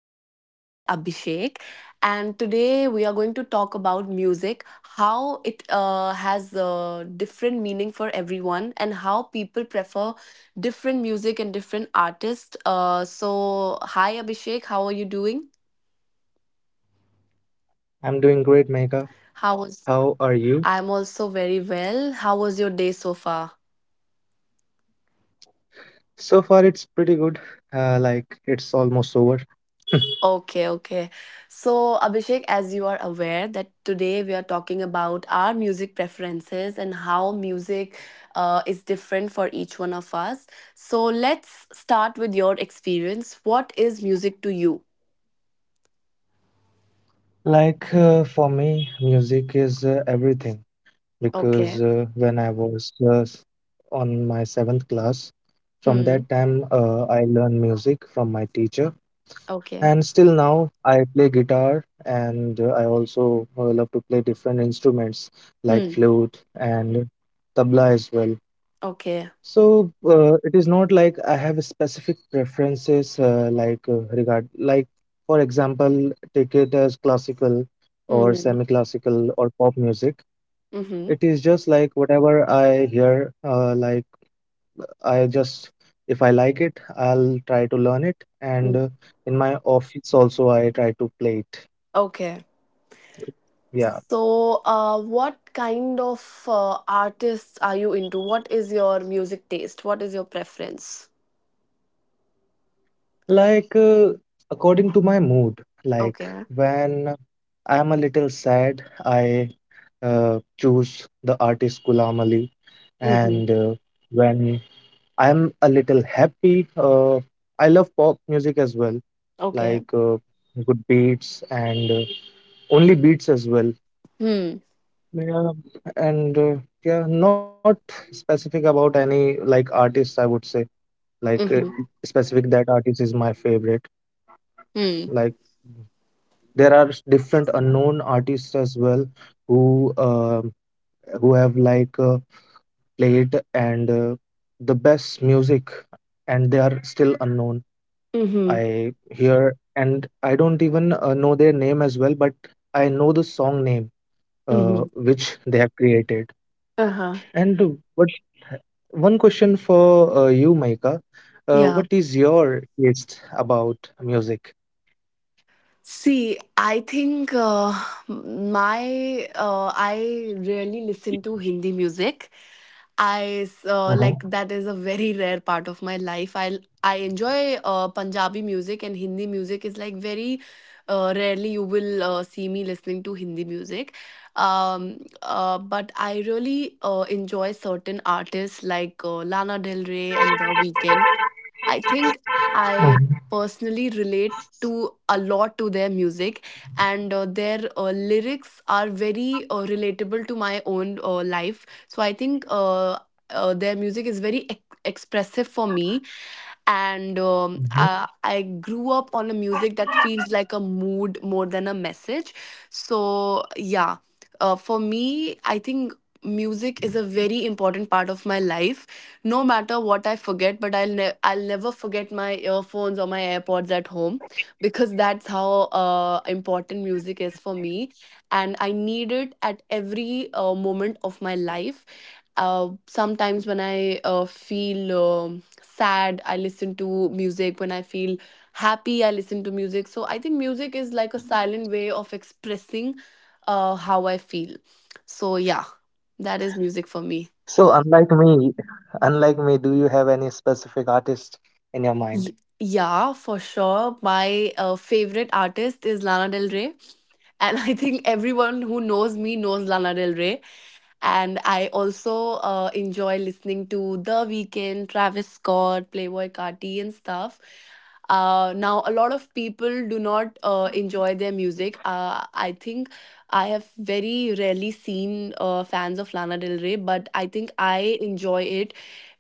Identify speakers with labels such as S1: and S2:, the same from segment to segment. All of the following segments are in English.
S1: with a friend, Abhishek, and today we are going to talk about music, how it has a different meaning for everyone, and how people prefer different music and different artists. Hi Abhishek, how are you doing?
S2: I'm doing great, Mega. How
S1: How
S2: are
S1: was
S2: you?
S1: I'm also very well. How was your day so far?
S2: So far, it's pretty good. It's almost over.
S1: Okay, okay. So, Abhishek, as you are aware that today we are talking about our music preferences and how music is different for each one of us. So, let's start with your experience. What is music to you?
S2: For me, music is everything
S1: Okay.
S2: because when I was on my seventh class, from
S1: Hmm.
S2: that time, I learned music from my teacher.
S1: Okay.
S2: And still now, I play guitar and I also love to play different instruments like
S1: Hmm.
S2: flute and tabla as well.
S1: Okay.
S2: So it is not like I have specific preferences, regard, like for example, take it as classical or
S1: Hmm.
S2: semi-classical or pop music.
S1: Mm-hmm.
S2: It is just like whatever I hear, I just if I like it, I'll try to learn it, and
S1: Mm.
S2: in my office also I try to play it.
S1: Okay.
S2: Yeah,
S1: So, what kind of artists are you into? What is your music taste? What is your preference?
S2: like uh, according to my mood, like
S1: Okay.
S2: when I'm a little sad, I choose the artist Ghulam Ali.
S1: Mm-hmm.
S2: And when I'm a little happy, I love pop music as well,
S1: Okay.
S2: like uh, good beats and only beats as well.
S1: Hmm.
S2: Yeah, and yeah, not specific about any like artist, I would say, like uh,
S1: Mm-hmm.
S2: specific that artist is my favorite.
S1: Hmm.
S2: Like there are different unknown artists as well who who have played and the best music and they are still unknown.
S1: Mm-hmm.
S2: I hear and I don't even know their name as well, but I know the song name,
S1: Mm-hmm.
S2: uh, which they have created.
S1: Uh-huh.
S2: And what, one question for you, Maika.
S1: Yeah.
S2: What is your taste about music?
S1: See, I think my I really listen to Hindi music.
S2: Mhm,
S1: Like that is a very rare part of my life. I enjoy Punjabi music, and Hindi music is like very rarely you will see me listening to Hindi music. But I really enjoy certain artists like Lana Del Rey and The Weeknd. I think I
S2: mhm,
S1: personally relate to a lot to their music, and their lyrics are very relatable to my own life. So I think their music is very expressive for me, and
S2: mhm.
S1: I grew up on a music that feels like a mood more than a message. So yeah, for me, I think music is a very important part of my life. No matter what I forget, but I'll never forget my earphones or my AirPods at home, because that's how important music is for me, and I need it at every moment of my life. Sometimes when I feel sad, I listen to music. When I feel happy, I listen to music. So I think music is like a silent way of expressing how I feel. So yeah, that is music for me.
S2: So unlike me unlike me, do you have any specific artist in your mind?
S1: Y Yeah, for sure. My, favorite artist is Lana Del Rey, and I think everyone who knows me knows Lana Del Rey. And I also, enjoy listening to The Weeknd, Travis Scott, Playboy, Carti, and stuff. Now, a lot of people do not enjoy their music. I think I have very rarely seen fans of Lana Del Rey, but I think I enjoy it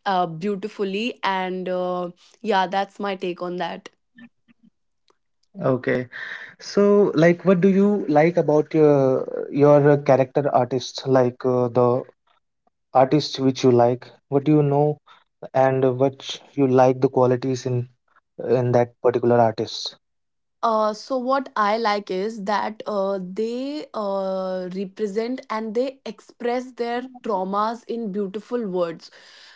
S1: beautifully and. Yeah, that's my take on that.
S2: Okay. So, like, what do you like about your your character artists? Like the artists which you like, what do you know, and what you like the qualities in that particular artist?
S1: So what I like is that they represent and they express their traumas in beautiful words.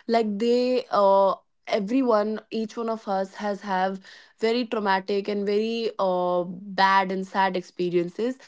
S1: Like they Everyone, each one of us has have very traumatic and very bad and sad experiences.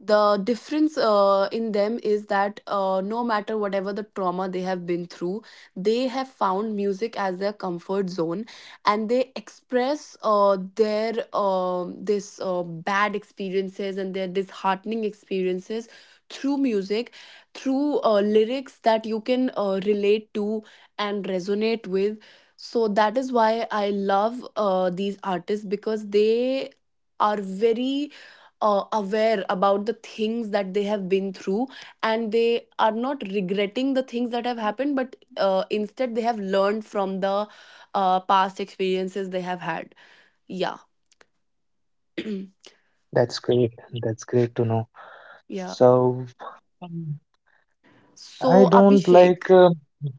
S1: The difference in them is that no matter whatever the trauma they have been through, they have found music as their comfort zone, and they express their this bad experiences and their disheartening experiences through music, through lyrics that you can relate to and resonate with. So that is why I love these artists, because they are very aware about the things that they have been through, and they are not regretting the things that have happened, but instead they have learned from the past experiences they have had. Yeah.
S2: That's great. That's great to know.
S1: Yeah.
S2: So, um, I
S1: So,
S2: don't
S1: Abhishek,
S2: like.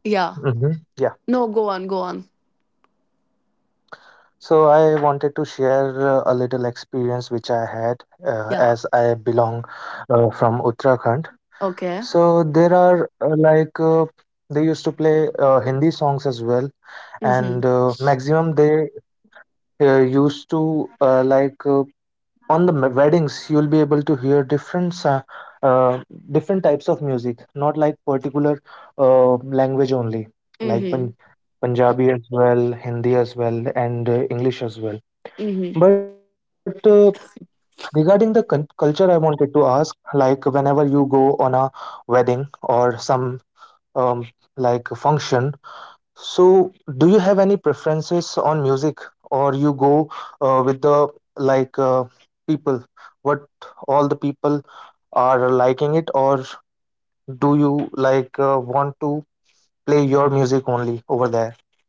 S1: yeah.
S2: Mhm, Yeah.
S1: No, go on, go on.
S2: So I wanted to share a little experience which I had as
S1: Yeah.
S2: I belong from Uttarakhand.
S1: Okay.
S2: So there are they used to play Hindi songs as well, and
S1: Mm-hmm.
S2: maximum they used to on the weddings you'll be able to hear different uh, different types of music, not like particular uh, language only, like Pan
S1: Mm-hmm.
S2: Punjabi as well, Hindi as well, and English as well.
S1: Mm-hmm.
S2: But regarding the culture, I wanted to ask, like whenever you go on a wedding or some um, like a function. So, do you have any preferences on music, or you go with the like uh, people, what all the people are liking it, or do you like want to play your music only over there?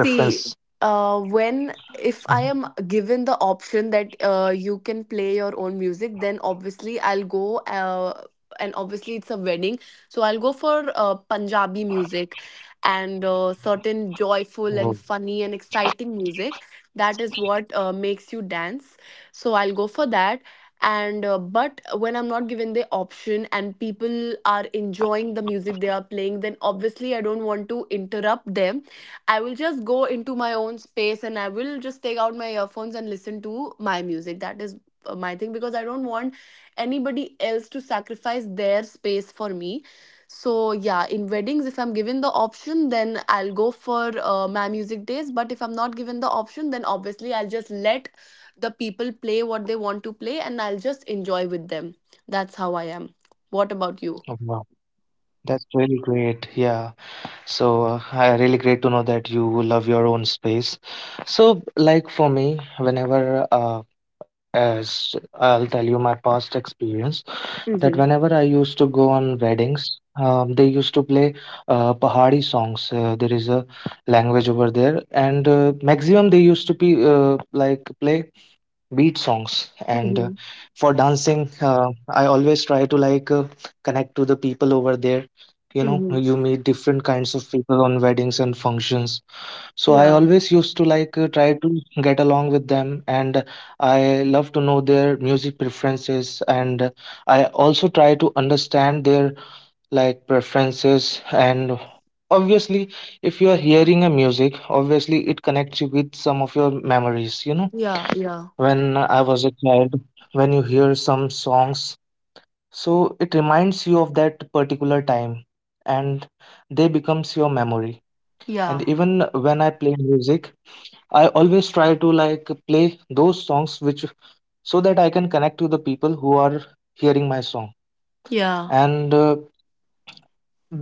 S2: Your
S1: See,
S2: preference.
S1: when if I am
S2: Mhm.
S1: given the option that you can play your own music, then obviously I'll go. And obviously it's a wedding, so I'll go for Punjabi music and certain
S2: Wow,
S1: joyful and funny and exciting music. That is what makes you dance. So I'll go for that. And but when I'm not given the option and people are enjoying the music they are playing, then obviously I don't want to interrupt them. I will just go into my own space and I will just take out my earphones and listen to my music. That is my thing, because I don't want anybody else to sacrifice their space for me. So, yeah, in weddings, if I'm given the option, then I'll go for my music days. But if I'm not given the option, then obviously I'll just let the people play what they want to play and I'll just enjoy with them. That's how I am. What about you?
S2: wow, that's really great. Yeah. So, I really great to know that you love your own space. So, like for me, whenever as I'll tell you my past experience, that
S1: Mhm.
S2: whenever I used to go on weddings, they used to play Pahari songs. There is a language over there, and maximum they used to be play beat songs
S1: Mhm.
S2: and for dancing, I always try to connect to the people over there. You
S1: Mhm.
S2: know, you meet different kinds of people on weddings and functions, so I
S1: Yeah.
S2: always used to try to get along with them, and I love to know their music preferences, and I also try to understand their like preferences. And obviously, if you are hearing a music, obviously it connects you with some of your memories, you know,
S1: Yeah. Yeah.
S2: when I was a child, when you hear some songs, so it reminds you of that particular time, and they becomes your memory.
S1: Yeah.
S2: And even when I play music, I always try to like play those songs which so that I can connect to the people who are hearing my song.
S1: Yeah.
S2: And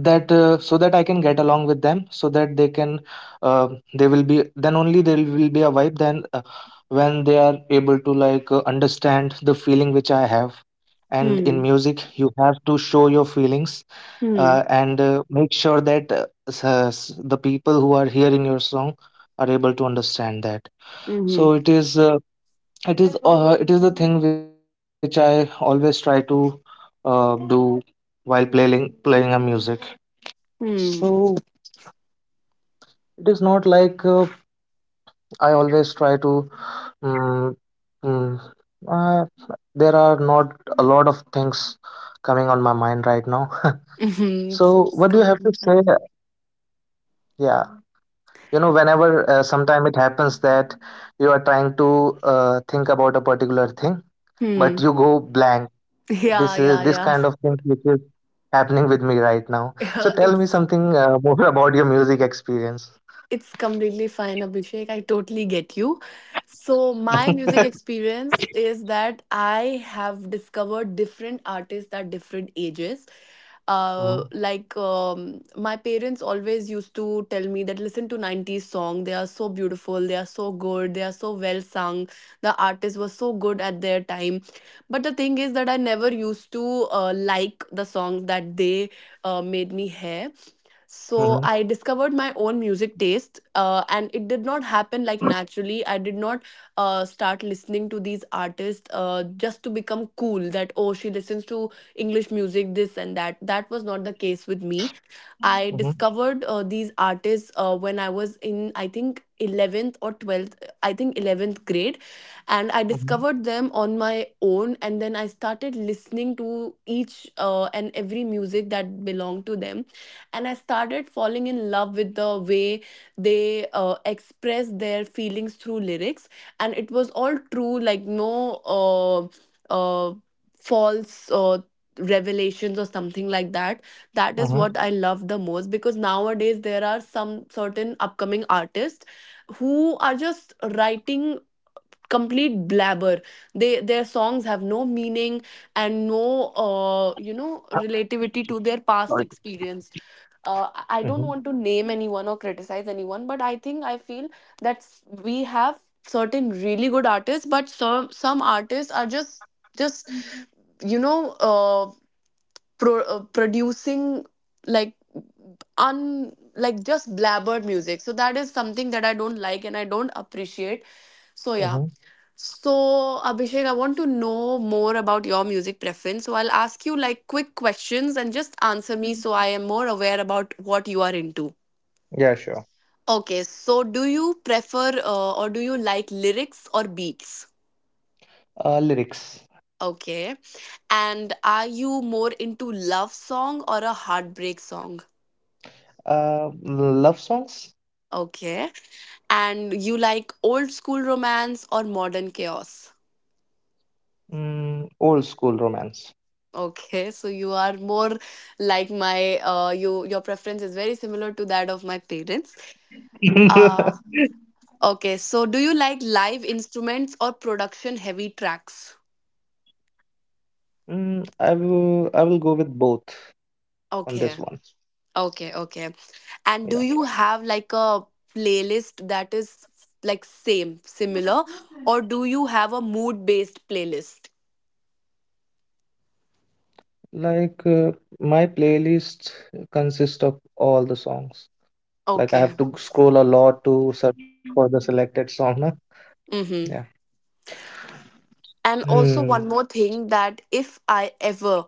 S2: that so that I can get along with them, so that they can uh, they will be then only there will be a vibe then when they are able to understand the feeling which I have. And in
S1: Hmm.
S2: music, you have to show your feelings
S1: Hmm.
S2: and make sure that the people who are hearing your song are able to understand that.
S1: Mhm.
S2: So it is the thing which I always try to do while playing a music. So
S1: Hmm.
S2: it is not like I always try to. mm mm, uh, there are not a lot of things coming on my mind right now.
S1: Mhm.
S2: So,
S1: It's
S2: what do you have
S1: completely
S2: to
S1: fine.
S2: say? Yeah, you know, whenever sometime it happens that you are trying to think about a particular thing,
S1: Hmm.
S2: but you go blank.
S1: Yeah.
S2: This is
S1: Yeah.
S2: this
S1: Yeah.
S2: kind of thing which is happening with me right now. So
S1: Yeah.
S2: tell me something more about your music experience.
S1: It's completely fine, Abhishek. I totally get you. So, my music experience is that I have discovered different artists at different ages.
S2: Mhm,
S1: My parents always used to tell me that listen to 90s song, they are so beautiful, they are so good, they are so well sung, the artist was so good at their time, but the thing is that I never used to like the songs that they made me hear. So I
S2: mhm,
S1: discovered my own music taste, and it did not happen like naturally. I did not start listening to these artists just to become cool that, oh, she listens to English music, this and that. That was not the case with me. I
S2: mhm,
S1: discovered these artists when I was in, I think, 11th or 12th, I think 11th grade. And I discovered
S2: mhm,
S1: them on my own. And then I started listening to each and every music that belonged to them. And I started falling in love with the way they express their feelings through lyrics. And it was all true, like no uh, false revelations or something like that. That is
S2: mhm.
S1: what I love the most, because nowadays there are some certain upcoming artists who are just writing complete blabber. They, their songs have no meaning and no you know, relativity to
S2: Sorry.
S1: their past experience.
S2: Mhm,
S1: I don't want to name anyone or criticize anyone, but I think I feel that we have certain really good artists, but some artists are just just you know, producing like un like just blabbered music. So that is something that I don't like and I don't appreciate. So yeah.
S2: mhm.
S1: So Abhishek, I want to know more about your music preference, so I'll ask you like quick questions and just answer me so I am more aware about what you are into.
S2: Yeah, sure.
S1: Okay, so do you prefer or do you like lyrics or beats?
S2: Lyrics.
S1: Okay. And are you more into love song or a heartbreak song?
S2: Love songs.
S1: Okay. And you like old school romance or modern chaos?
S2: Mm, old school romance.
S1: Okay, so you are more like my you, your preference is very similar to that of my parents. Uh, okay, so do you like live instruments or production heavy tracks?
S2: Mm, I will go with both on
S1: Okay,
S2: this one.
S1: okay.
S2: Yeah.
S1: And do you have like a playlist that is like same, similar, or do you have a mood based playlist?
S2: Like uh, my playlist consists of all the songs. Like I
S1: Okay.
S2: have to scroll a lot to search for the selected song, na? Yeah.
S1: Mm-hmm. And also
S2: Hmm.
S1: one more thing, that if I ever,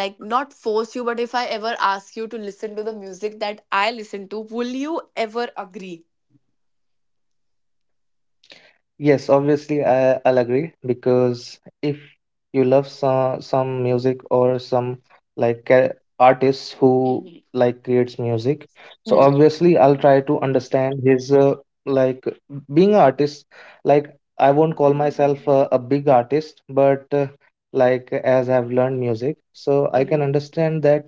S1: like, not force you, but if I ever ask you to listen to the music that I listen to, will you ever agree?
S2: Yes, obviously, I'll agree because if you love some music or some like uh, artists who
S1: Mhm.
S2: like creates music, so
S1: Mm.
S2: obviously I'll try to understand his like being an artist. Like I won't call myself a big artist, but like as I've learned music, so I can
S1: Mhm.
S2: understand that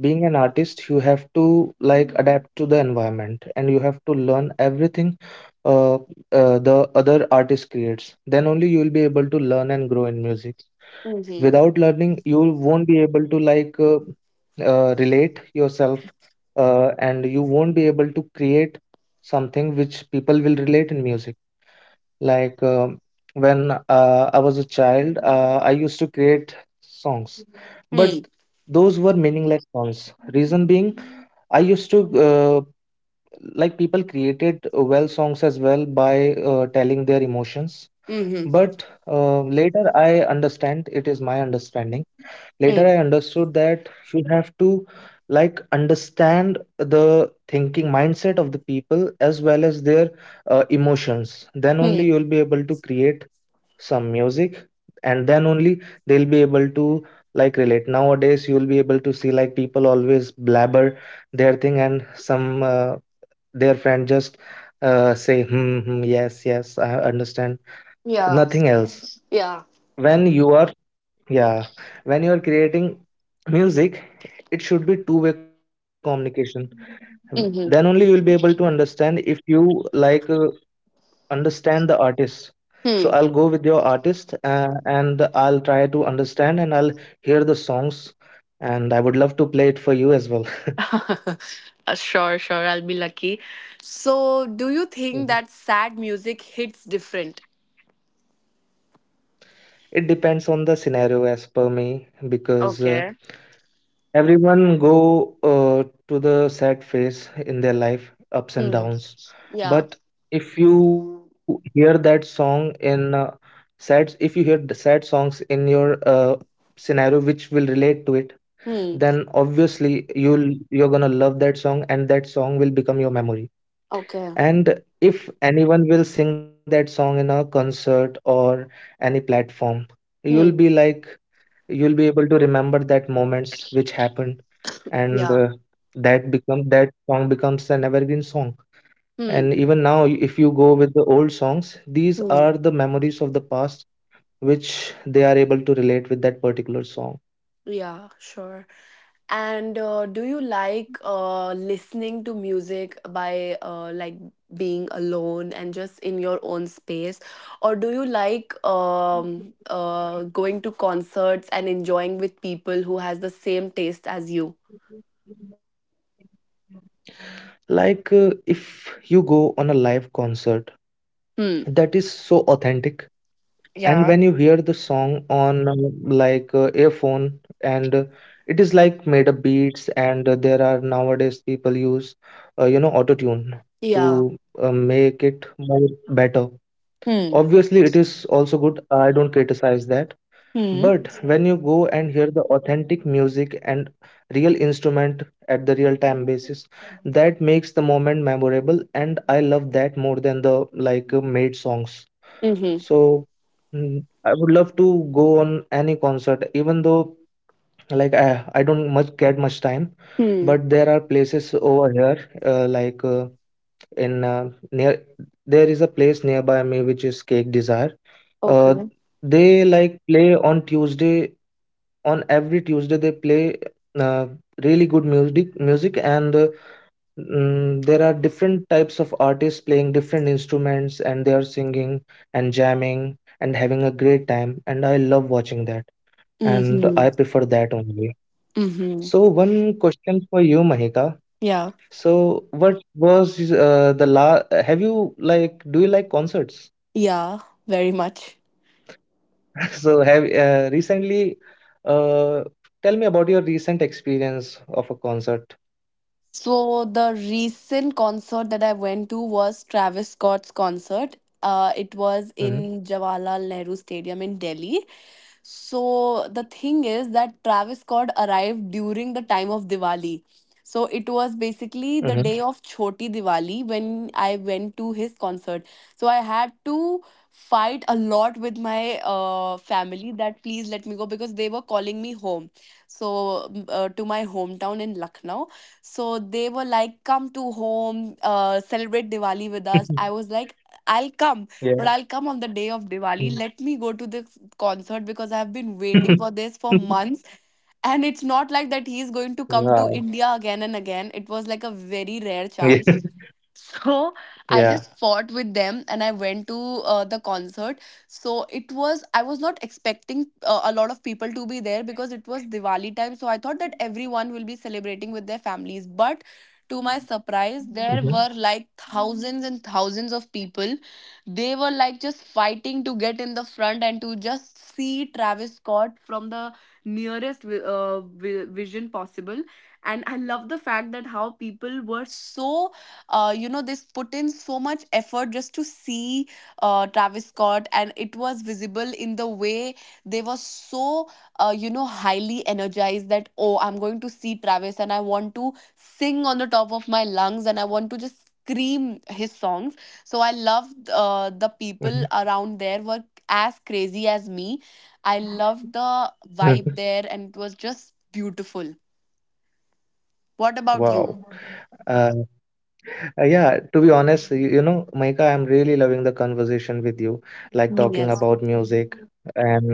S2: being an artist, you have to like adapt to the environment, and you have to learn everything uh, the other artist creates, then only you will be able to learn and grow in music.
S1: Mhm.
S2: Without learning, you won't be able to relate yourself, and you won't be able to create something which people will relate in music. like um when I was a child, I used to create songs, but
S1: Mm.
S2: those were meaningless songs, reason being I used to uh, like people created well songs as well by telling their emotions.
S1: Mhm.
S2: But later I understand it is my understanding later
S1: Mm.
S2: I understood that you have to like understand the thinking mindset of the people as well as their emotions, then only
S1: Hmm.
S2: you'll be able to create some music, and then only they'll be able to like relate. Nowadays you'll be able to see like people always blabber their thing and some their friend just say, hmm, hmm, yes yes I understand,
S1: Yeah.
S2: nothing else.
S1: Yeah.
S2: When you are, yeah, when you are creating music, it should be two-way communication. Then only you
S1: Hmm.
S2: will be able to understand if you like uh, understand the artist. So I'll go with your artist, and I'll try to understand, and I'll hear the songs, and I would love to play it for you as well.
S1: Hmm. Sure, sure, I'll be lucky. So do you think that
S2: Mhm.
S1: sad music hits different?
S2: It depends on the scenario as per me, because
S1: Okay.
S2: everyone go to the sad phase in their life,
S1: Hmm.
S2: ups and downs.
S1: Yeah.
S2: But if you hear that song in if you hear the sad songs in your scenario which will relate to it,
S1: Hmm.
S2: then obviously you're gonna love that song, and that song will become your memory.
S1: Okay.
S2: And if anyone will sing that song in a concert or any platform,
S1: Hmm.
S2: you'll be like, you'll be able to remember that moments which happened, and
S1: Yeah.
S2: that song becomes an evergreen song.
S1: Hmm.
S2: And even now, if you go with the old songs, these
S1: Hmm.
S2: are the memories of the past which they are able to relate with that particular song.
S1: Yeah, sure. And do you like listening to music by being alone and just in your own space? Or do you like going to concerts and enjoying with people who has the same taste as you?
S2: If you go on a live concert,
S1: Hmm.
S2: that is so authentic. And when
S1: Yeah.
S2: you hear the song on earphone, and it is like made up beats, and there are nowadays people use you know auto tune to
S1: Yeah.
S2: make it more better.
S1: Hmm.
S2: Obviously it is also good, I don't criticize that.
S1: Hmm.
S2: But when you go and hear the authentic music and real instrument at the real time basis, that makes the moment memorable, and I love that more than the made songs.
S1: Mm-hmm.
S2: So, mm, I would love to go on any concert, even though like I don't much get much time,
S1: Hmm.
S2: but there are places over here, like in near there is a place nearby me which is Cake Desire. Uh,
S1: Okay.
S2: they like play on Tuesday, on every Tuesday they play uh, really good music and mm, there are different types of artists playing different instruments and they are singing and jamming and having a great time, and I love watching that, and I
S1: Mm-hmm.
S2: prefer that only.
S1: Mm-hmm.
S2: So one question for you, Mahika.
S1: Yeah.
S2: So what was the la have you like do you like concerts?
S1: Yeah. Very much.
S2: So have recently uh, tell me about your recent experience of a concert.
S1: So the recent concert that I went to was Travis Scott's concert. It was
S2: Hmm.
S1: in Jawaharlal Nehru Stadium in Delhi, so the thing is that Travis Scott arrived during the time of Diwali. So it was basically
S2: Hmm.
S1: the day of Choti Diwali when I went to his concert. So I had to fight a lot with my family, that please let me go, because they were calling me home. So to my hometown in Lucknow. So they were like, come to home, celebrate Diwali with us. I was like, I'll come,
S2: Yeah.
S1: but I'll come on the day of Diwali. Let me go to this concert, because I've been waiting for this
S2: Mhm.
S1: for months. And it's not like that he's going to
S2: Yeah.
S1: come to India again and again. It was like a very rare chance. So I
S2: Yeah.
S1: just, yeah, fought with them and I went to the concert. So it was, I was not expecting a lot of people to be there, because it was Diwali time. So I thought that everyone will be celebrating with their families. But to my surprise,
S2: Mhm.
S1: there were like thousands and thousands of people. They were like just fighting to get in the front and to just see Travis Scott from the nearest vision possible. And I love the fact that how people were so you know, they put in so much effort just to see Travis Scott, and it was visible in the way they were so, you know, highly energized that, oh, I'm going to see Travis and I want to sing on the top of my lungs and I want to just scream his songs. So I loved the
S2: Mhm.
S1: people around there were as crazy as me. I loved the
S2: Mhm.
S1: vibe there and it was just beautiful. What
S2: Wow.
S1: about you?
S2: Uh, yeah, to be honest, you know, Maika, I'm really loving the conversation with you, like talking about
S1: Yes.
S2: music. And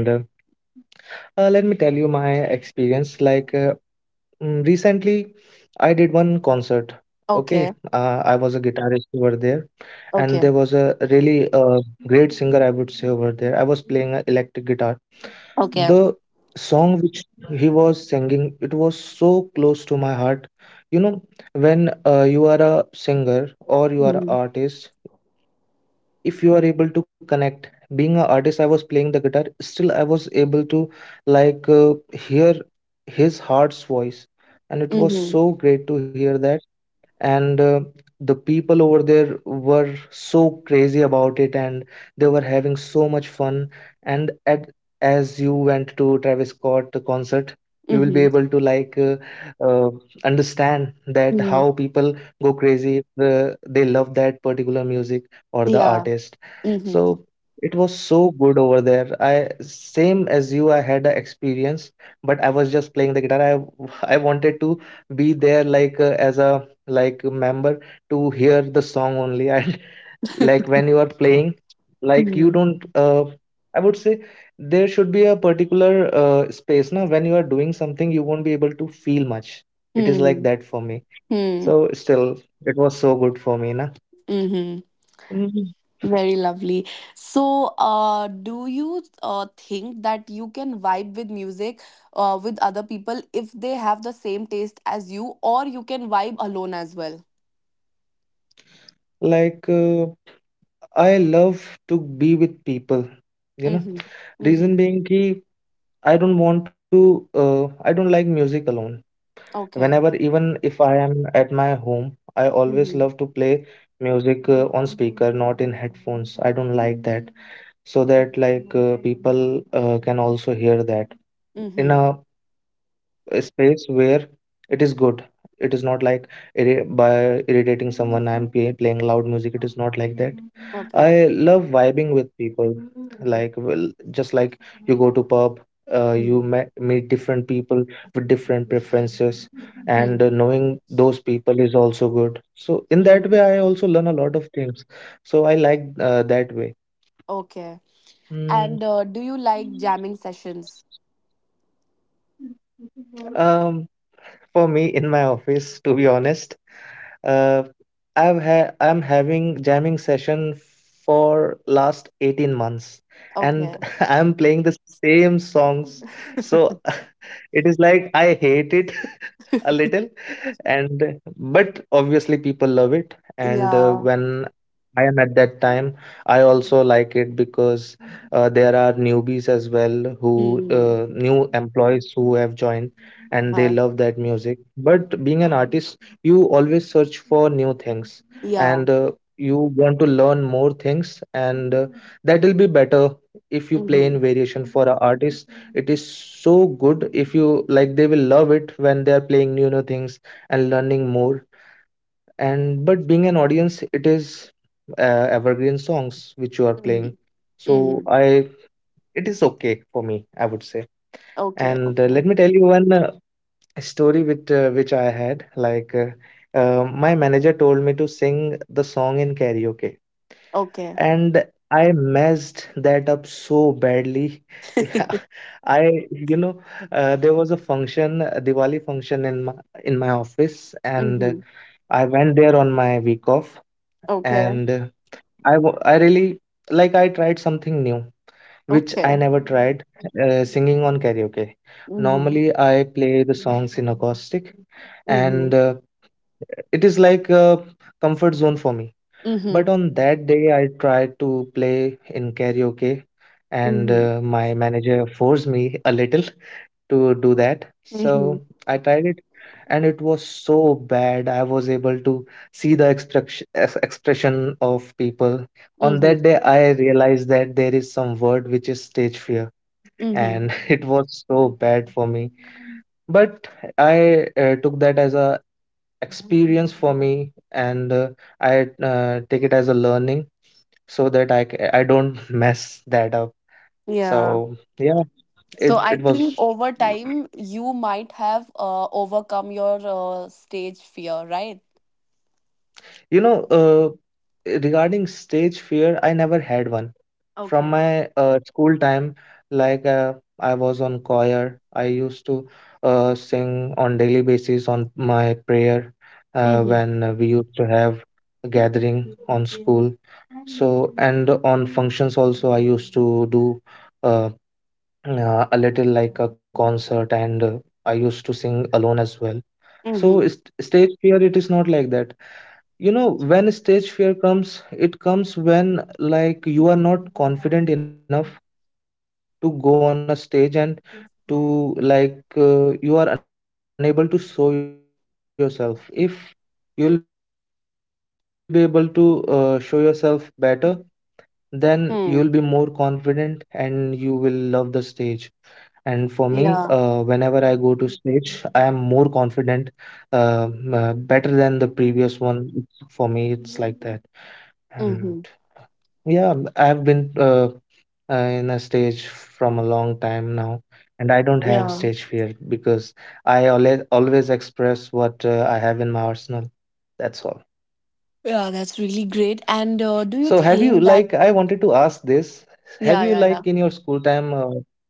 S2: let me tell you my experience. Recently, I did one concert. Okay,
S1: Okay.
S2: I was a guitarist over there, and there
S1: Okay.
S2: was a really great singer, I would say, over there. I was playing an electric guitar. The
S1: Okay.
S2: song which he was singing, it was so close to my heart, you know? When you are a singer or you are an
S1: Mhm.
S2: artist, if you are able to connect. Being an artist, I was playing the guitar, still I was able to, hear his heart's voice, and it was
S1: Mhm.
S2: so great to hear that. And the people over there were so crazy about it, and they were having so much fun. And at as you went to Travis Scott concert, you will be
S1: Mhm.
S2: able to uh, understand that
S1: Mhm.
S2: how people go crazy if they love that particular music or the
S1: Yeah.
S2: artist.
S1: Mhm.
S2: So it was so good over there. I, same as you, I had an experience, but I was just playing the guitar. I I wanted to be there like as a like member to hear the song only. And like when you are playing, like you
S1: Mhm.
S2: don't I would say, there should be a particular space. Now when you are doing something, you won't be able to feel much. It is like
S1: Mhm.
S2: that for me.
S1: Mhm.
S2: So still, it was so good for me na.
S1: Mhm.
S2: Mm.
S1: Very lovely. So, do you think that you can vibe with music with other people if they have the same taste as you, or you can vibe alone as well?
S2: like uh, I love to be with people, you know?
S1: Mm-hmm.
S2: Reason
S1: Mm-hmm.
S2: being ki I don't want to uh, I don't like music alone.
S1: Okay.
S2: Whenever, even if I am at my home, I
S1: Mm-hmm.
S2: always love to play music on speaker, not in headphones. I don't like that, so that people can also hear that
S1: Mm-hmm.
S2: in a space where it is good. It is not like irri by irritating someone. Playing loud music. It is not like that. I
S1: Okay.
S2: love vibing with people. Like, well, just like you go to pub, you
S1: Mm-hmm.
S2: me meet different people with different preferences, and
S1: Mm-hmm.
S2: knowing those people is also good. So in that
S1: Mm-hmm.
S2: way, I also learn a lot of things. So I like that way.
S1: Okay.
S2: Mm.
S1: And do you like jamming sessions?
S2: um, for me, in my office, to be honest, Uh, I'm having jamming session for last 18 months,
S1: Okay.
S2: and I'm playing the same songs. So it is like I hate it a little. And but obviously people love it. And
S1: Yeah.
S2: when I am at that time, I also like it because there are newbies as well who
S1: Mhm.
S2: new employees who have joined, and they
S1: Uh-huh.
S2: love that music. But being an artist, you always search for new things,
S1: Yeah.
S2: and you want to learn more things, and that will be better if you play
S1: Mhm.
S2: in variation. For an artist, it is so good. If you like, they will love it when they are playing new new things and learning more. And but being an audience, it is evergreen songs which you are playing.
S1: Mhm.
S2: So
S1: Mhm.
S2: I it is okay for me, I would say.
S1: Okay.
S2: And
S1: Okay.
S2: let me tell you one story which I had my manager told me to sing the song in karaoke,
S1: Okay.
S2: and I messed that up so badly. Yeah, I you know there was a function, a Diwali function in my office, and
S1: Mhm.
S2: I went there on my week off,
S1: Okay.
S2: and I really like I tried something new which I
S1: Okay.
S2: never tried, singing on karaoke.
S1: Mhm.
S2: Normally I play the songs in acoustic,
S1: Mhm.
S2: and it is like a comfort zone for me.
S1: Mhm.
S2: But on that day, I tried to play in karaoke, and
S1: Mhm.
S2: my manager forced me a little to do that. So
S1: Mhm.
S2: I tried it, and it was so bad. I was able to see the expression of people. On
S1: Mhm.
S2: that day, I realized that there is some word which is stage fear,
S1: Mhm.
S2: and it was so bad for me. But I took that as a experience for me, and I take it as a learning so that I don't mess that up.
S1: Yeah.
S2: So yeah,
S1: So
S2: it
S1: I
S2: it
S1: think
S2: was
S1: over time you might have overcome your stage fear, right?
S2: you know regarding stage fear, I never had one from
S1: Okay.
S2: my school time. Like uh, I was on choir, I used to sing on daily basis on my prayer
S1: Mhm.
S2: when we used to have a gathering on school. So and on functions also, I used to do. Uh, a little like a concert, and I used to sing alone as well. So
S1: Mhm.
S2: stage fear, it is not like that. You know, when stage fear comes, it comes when like you are not confident enough to go on a stage and to you are unable to show yourself. If you'll be able to show yourself better, then you'll be more confident
S1: Hmm.
S2: and you will love the stage. And for me,
S1: Yeah.
S2: whenever I go to stage, I am more confident, better than the previous one. It's- For me, it's like that.
S1: Mhm.
S2: And yeah, I have been in a stage from a long time now, and I don't
S1: Yeah.
S2: have stage fear because I always always express what I have in my arsenal. That's all.
S1: Yeah, that's really great. And do you
S2: So have you
S1: think that?
S2: like I wanted to ask this.
S1: Yeah,
S2: Have
S1: yeah,
S2: you
S1: yeah.
S2: like in your school time? Uh,